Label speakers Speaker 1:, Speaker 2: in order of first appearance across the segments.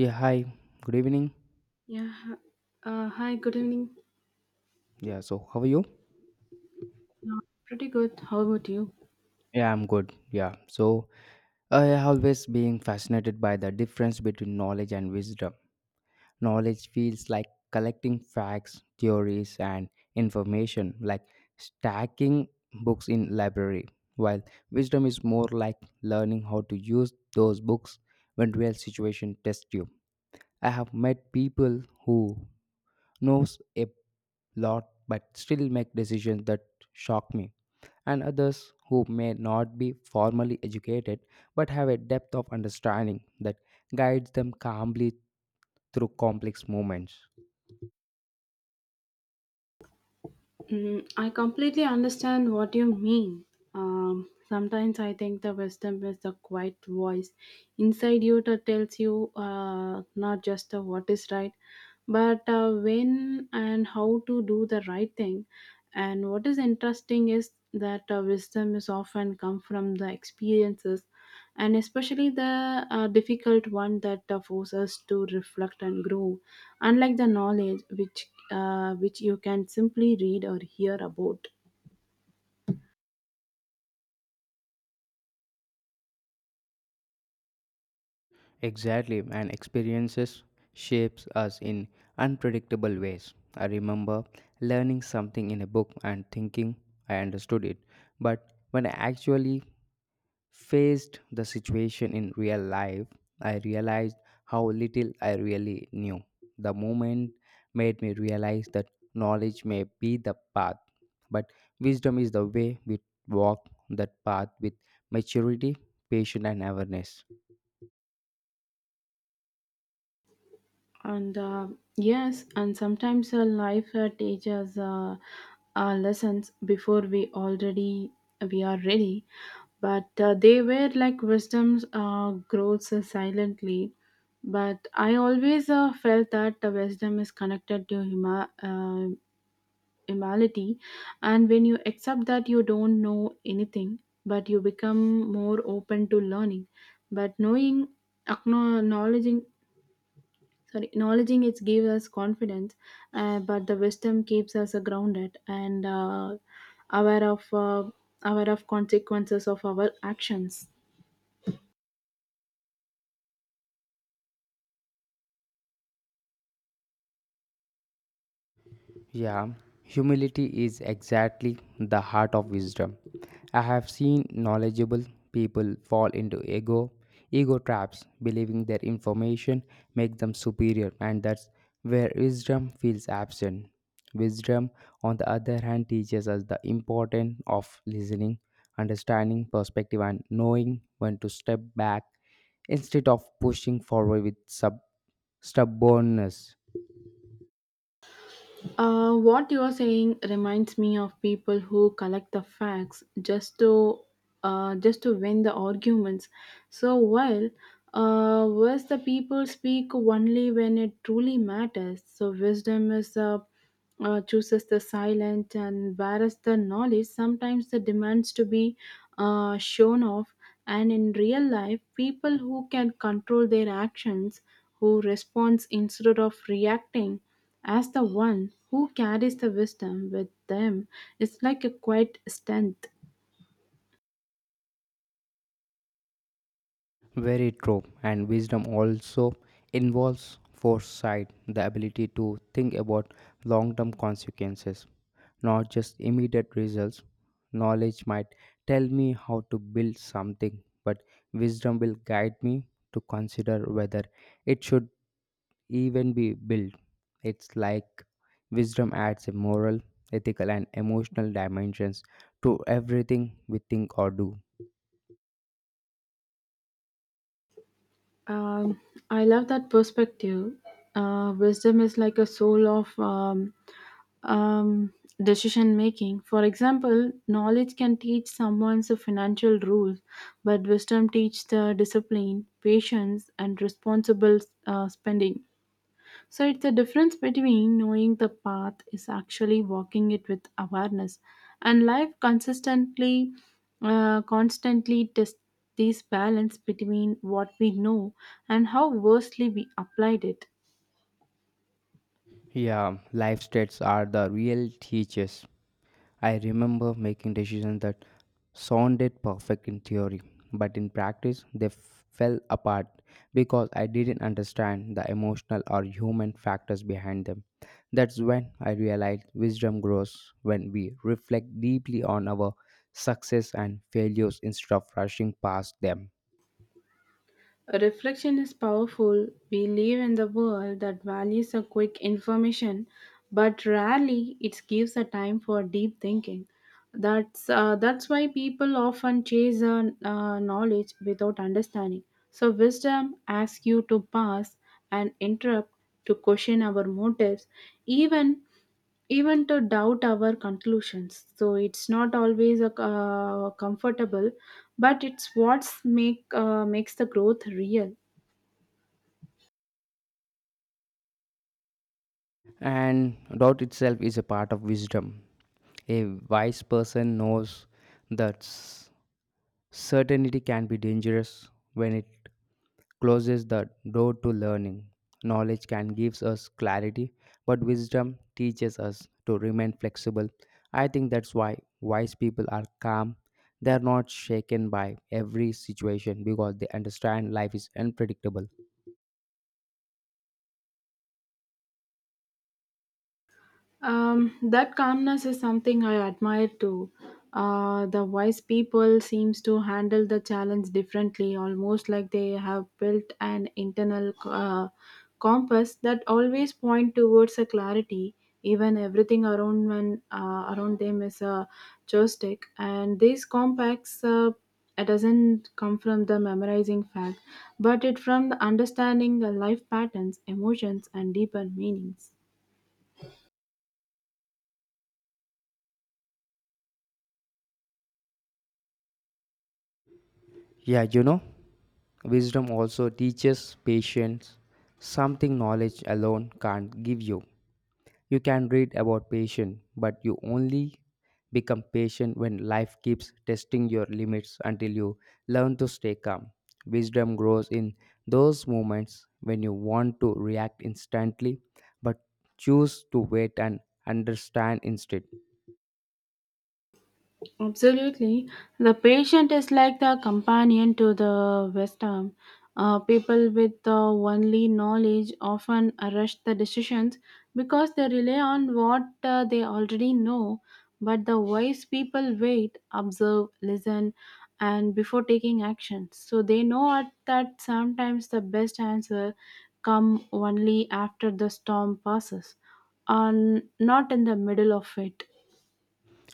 Speaker 1: Yeah, hi. Good evening.
Speaker 2: Yeah. Hi, good evening.
Speaker 1: Yeah, so how are you?
Speaker 2: Pretty good. How about you?
Speaker 1: Yeah, I'm good. Yeah. So I have always been fascinated by the difference between knowledge and wisdom. Knowledge feels like collecting facts, theories and information, like stacking books in library, while wisdom is more like learning how to use those books when real situation test you. I have met people who knows a lot but still make decisions that shock me and others who may not be formally educated but have a depth of understanding that guides them calmly through complex movements.
Speaker 2: Mm, I completely understand what you mean. Sometimes I think the wisdom is the quiet voice inside you that tells you not just the what is right, but when and how to do the right thing. And what is interesting is that wisdom is often come from the experiences, and especially the difficult one that forces us to reflect and grow. Unlike the knowledge, which you can simply read or hear about.
Speaker 1: Exactly, and experiences shapes us in unpredictable ways. I remember learning something in a book and thinking I understood it, but when I actually faced the situation in real life, I realized how little I really knew. The moment made me realize that knowledge may be the path, but wisdom is the way we walk that path with maturity, patience, and awareness.
Speaker 2: And yes, and sometimes life teaches lessons before we are ready, but they were like wisdoms grows silently. But I always felt that the wisdom is connected to humility, and when you accept that you don't know anything but you become more open to learning but knowing acknowledging, sorry, acknowledging it gives us confidence, but the wisdom keeps us grounded and aware of uh, aware of consequences of our actions.
Speaker 1: Yeah, humility is exactly the heart of wisdom. I have seen knowledgeable people fall into ego traps, believing their information make them superior, and that's where wisdom feels absent. Wisdom, on the other hand, teaches us the importance of listening, understanding perspective, and knowing when to step back instead of pushing forward with stubbornness.
Speaker 2: What you are saying reminds me of people who collect the facts just to win the arguments. So while whereas the people speak only when it truly matters. So wisdom is chooses the silent and whereas the knowledge sometimes the demands to be shown off, and in real life people who can control their actions, who responds instead of reacting, as the one who carries the wisdom with them. It's like a quiet strength.
Speaker 1: Very true. And wisdom also involves foresight, the ability to think about long term consequences, not just immediate results. Knowledge might tell me how to build something, but wisdom will guide me to consider whether it should even be built. It's like wisdom adds a moral, ethical, and emotional dimensions to everything we think or do.
Speaker 2: um, I love that perspective. Wisdom is like a soul of um, um, decision making. For example, knowledge can teach someone the financial rules, but wisdom teaches the discipline, patience, and responsible spending. So it's the difference between knowing the path is actually walking it with awareness, and life consistently, constantly tests this balance between what we know and how versely we applied it.
Speaker 1: Yeah, life states are the real teachers. I remember making decisions that sounded perfect in theory, but in practice they fell apart because I didn't understand the emotional or human factors behind them. That's when I realized wisdom grows when we reflect deeply on our success and failures instead of rushing past them.
Speaker 2: Reflection is powerful. We live in the world that values a quick information, but rarely it gives a time for deep thinking. That's why people often chase knowledge without understanding. So wisdom asks you to pause and interrupt to question our motives, even even to doubt our conclusions. So it's not always a, comfortable, but it's what makes the growth real.
Speaker 1: And doubt itself is a part of wisdom. A wise person knows that certainty can be dangerous when it closes the door to learning. Knowledge can give us clarity, but wisdom teaches us to remain flexible. I think that's why wise people are calm. They are not shaken by every situation because they understand life is unpredictable.
Speaker 2: That calmness is something I admire too. The wise people seems to handle the challenge differently, almost like they have built an internal compass that always point towards a clarity. Even everything around around them is a joystick, and these compacts it doesn't come from the memorizing fact, but it from the understanding the life patterns, emotions, and deeper meanings.
Speaker 1: Yeah, you know? Wisdom also teaches patience, something knowledge alone can't give you. You can read about patience, but you only become patient when life keeps testing your limits until you learn to stay calm. Wisdom grows in those moments when you want to react instantly but choose to wait and understand instead.
Speaker 2: Absolutely. The patient is like the companion to the wisdom. People with only knowledge often rush the decisions because they rely on what they already know. But the wise people wait, observe, listen, and before taking action. So they know at that sometimes the best answer come only after the storm passes, and not in the middle of it.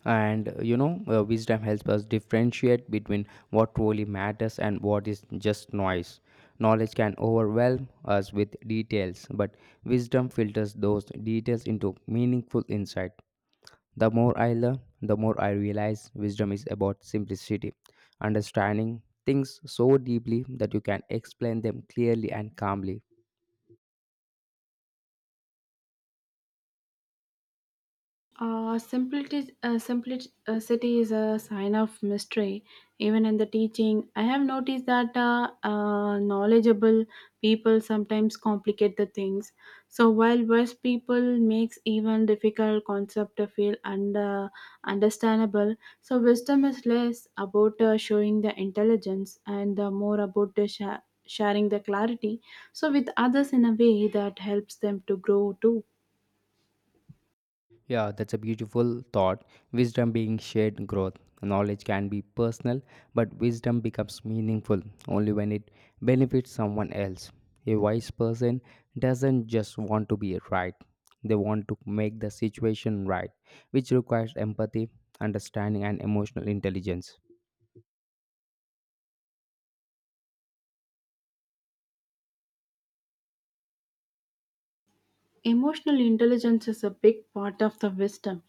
Speaker 1: And you know, wisdom helps us differentiate between what truly matters and what is just noise. Knowledge can overwhelm us with details, but wisdom filters those details into meaningful insight. The more I learn, the more I realize wisdom is about simplicity, understanding things so deeply that you can explain them clearly and calmly.
Speaker 2: Uh, simplicity is a sign of mystery. Even in the teaching, I have noticed that knowledgeable people sometimes complicate the things. So while wise people makes even difficult concept to feel and understandable, so wisdom is less about showing the intelligence and more about the sharing the clarity. So with others in a way that helps them to grow too.
Speaker 1: Yeah, that's a beautiful thought. Wisdom being shared growth. Knowledge can be personal, but wisdom becomes meaningful only when it benefits someone else. A wise person doesn't just want to be right, they want to make the situation right, which requires empathy, understanding, and emotional intelligence.
Speaker 2: Emotional intelligence is a big part of the wisdom.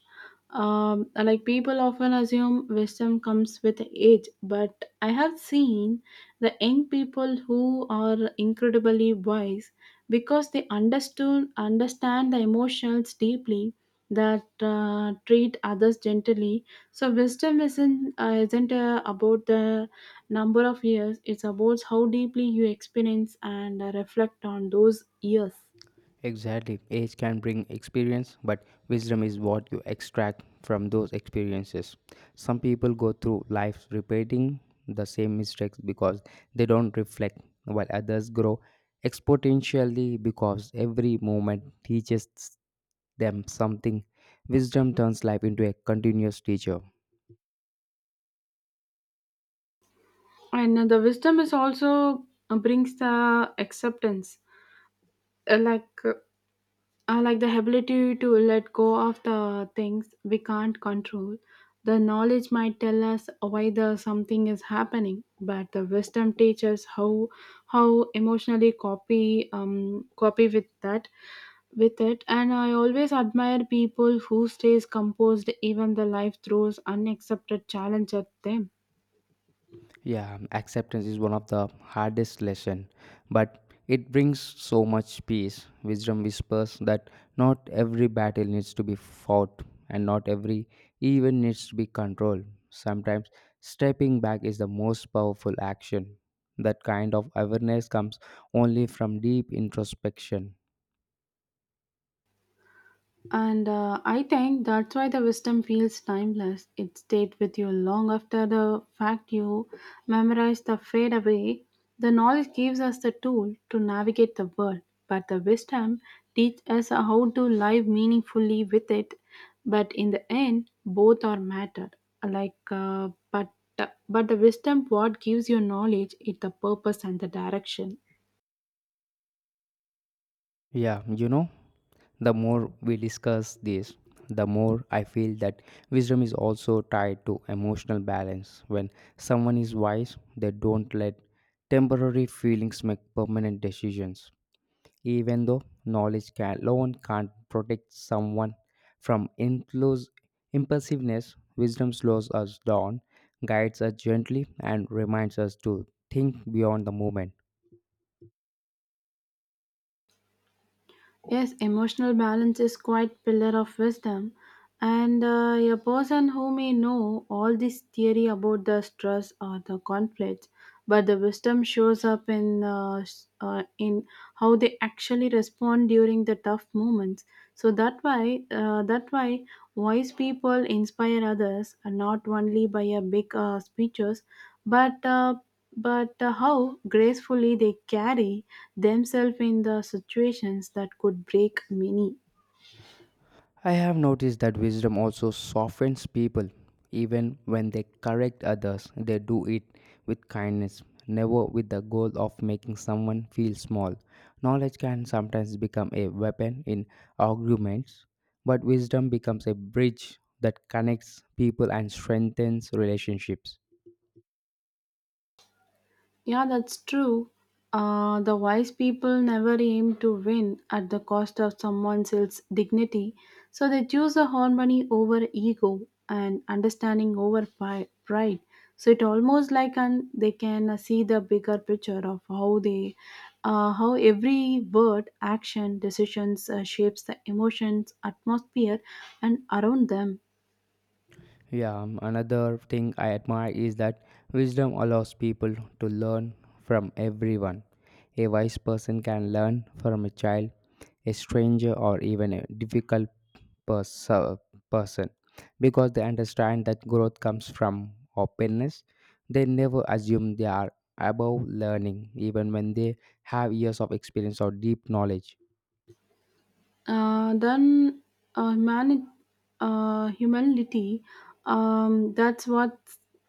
Speaker 2: Like people often assume wisdom comes with age, but I have seen the young people who are incredibly wise because they understood understand the emotions deeply that treat others gently. So wisdom isn't about the number of years; it's about how deeply you experience and reflect on those years.
Speaker 1: Exactly. Age can bring experience, but wisdom is what you extract from those experiences. Some people go through life repeating the same mistakes because they don't reflect, while others grow exponentially because every moment teaches them something. Wisdom turns life into a continuous teacher.
Speaker 2: And the wisdom is also brings the acceptance. Uh, like uh, like the ability to let go of the things we can't control. The knowledge might tell us why the something is happening, but the wisdom teaches how emotionally copy copy with that with it. And I always admire people who stays composed even the life throws unaccepted challenge at them.
Speaker 1: Yeah, acceptance is one of the hardest lesson, but it brings so much peace. Wisdom whispers that not every battle needs to be fought and not every even needs to be controlled. Sometimes stepping back is the most powerful action. That kind of awareness comes only from deep introspection.
Speaker 2: And I think that's why the wisdom feels timeless. It stayed with you long after the fact you memorized the fade away. The knowledge gives us the tool to navigate the world, but the wisdom teaches us how to live meaningfully with it. But in the end, both are matter. Like, but the wisdom what gives you knowledge is the purpose and the direction.
Speaker 1: Yeah, you know, the more we discuss this, the more I feel that wisdom is also tied to emotional balance. When someone is wise, they don't let temporary feelings make permanent decisions. Even though knowledge can, alone can't protect someone from impulse, impulsiveness, wisdom slows us down, guides us gently, and reminds us to think beyond the moment.
Speaker 2: Yes, emotional balance is quite pillar of wisdom. And a person who may know all this theory about the stress or the conflicts, but the wisdom shows up in in how they actually respond during the tough moments. So that why wise people inspire others, not only by a big speeches, but uh, but how gracefully they carry themselves in the situations that could break many.
Speaker 1: I have noticed that wisdom also softens people. Even when they correct others, they do it with kindness, never with the goal of making someone feel small. Knowledge can sometimes become a weapon in arguments, but wisdom becomes a bridge that connects people and strengthens relationships.
Speaker 2: Yeah, that's true. The wise people never aim to win at the cost of someone else's dignity, so they choose the harmony over ego and understanding over pride. So it almost like an, they can see the bigger picture of how they, how every word, action, decisions shapes the emotions, atmosphere, and around them.
Speaker 1: Yeah, another thing I admire is that wisdom allows people to learn from everyone. A wise person can learn from a child, a stranger, or even a difficult pers- uh, person because they understand that growth comes from openness. They never assume they are above learning, even when they have years of experience or deep knowledge.
Speaker 2: Uh, then uh, humani- Humility, that's what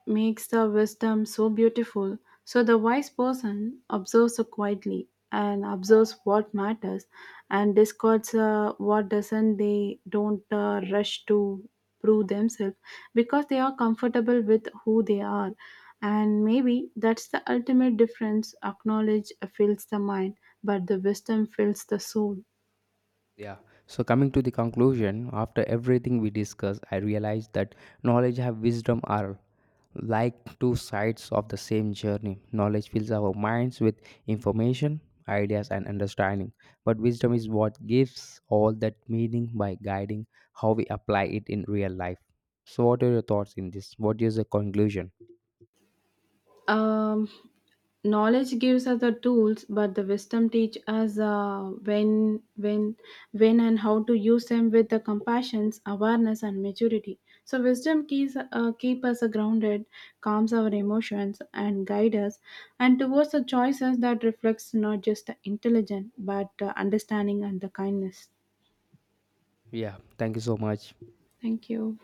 Speaker 2: makes the wisdom so beautiful. So the wise person observes so quietly and observes what matters and discards what doesn't. They don't rush to prove themselves because they are comfortable with who they are. And maybe that's the ultimate difference. Acknowledge fills the mind, but the wisdom fills the soul.
Speaker 1: Yeah. So coming to the conclusion, after everything we discussed, I realized that knowledge and wisdom are like two sides of the same journey. Knowledge fills our minds with information, ideas, and understanding, but wisdom is what gives all that meaning by guiding how we apply it in real life. So, what are your thoughts in this? What is the conclusion?
Speaker 2: Um, Knowledge gives us the tools, but the wisdom teach us when, and how to use them with the compassion, awareness, and maturity. So wisdom keep us grounded, calms our emotions, and guide us, and towards the choices that reflects not just the intelligence but understanding and the kindness.
Speaker 1: Yeah. Thank you so much.
Speaker 2: Thank you.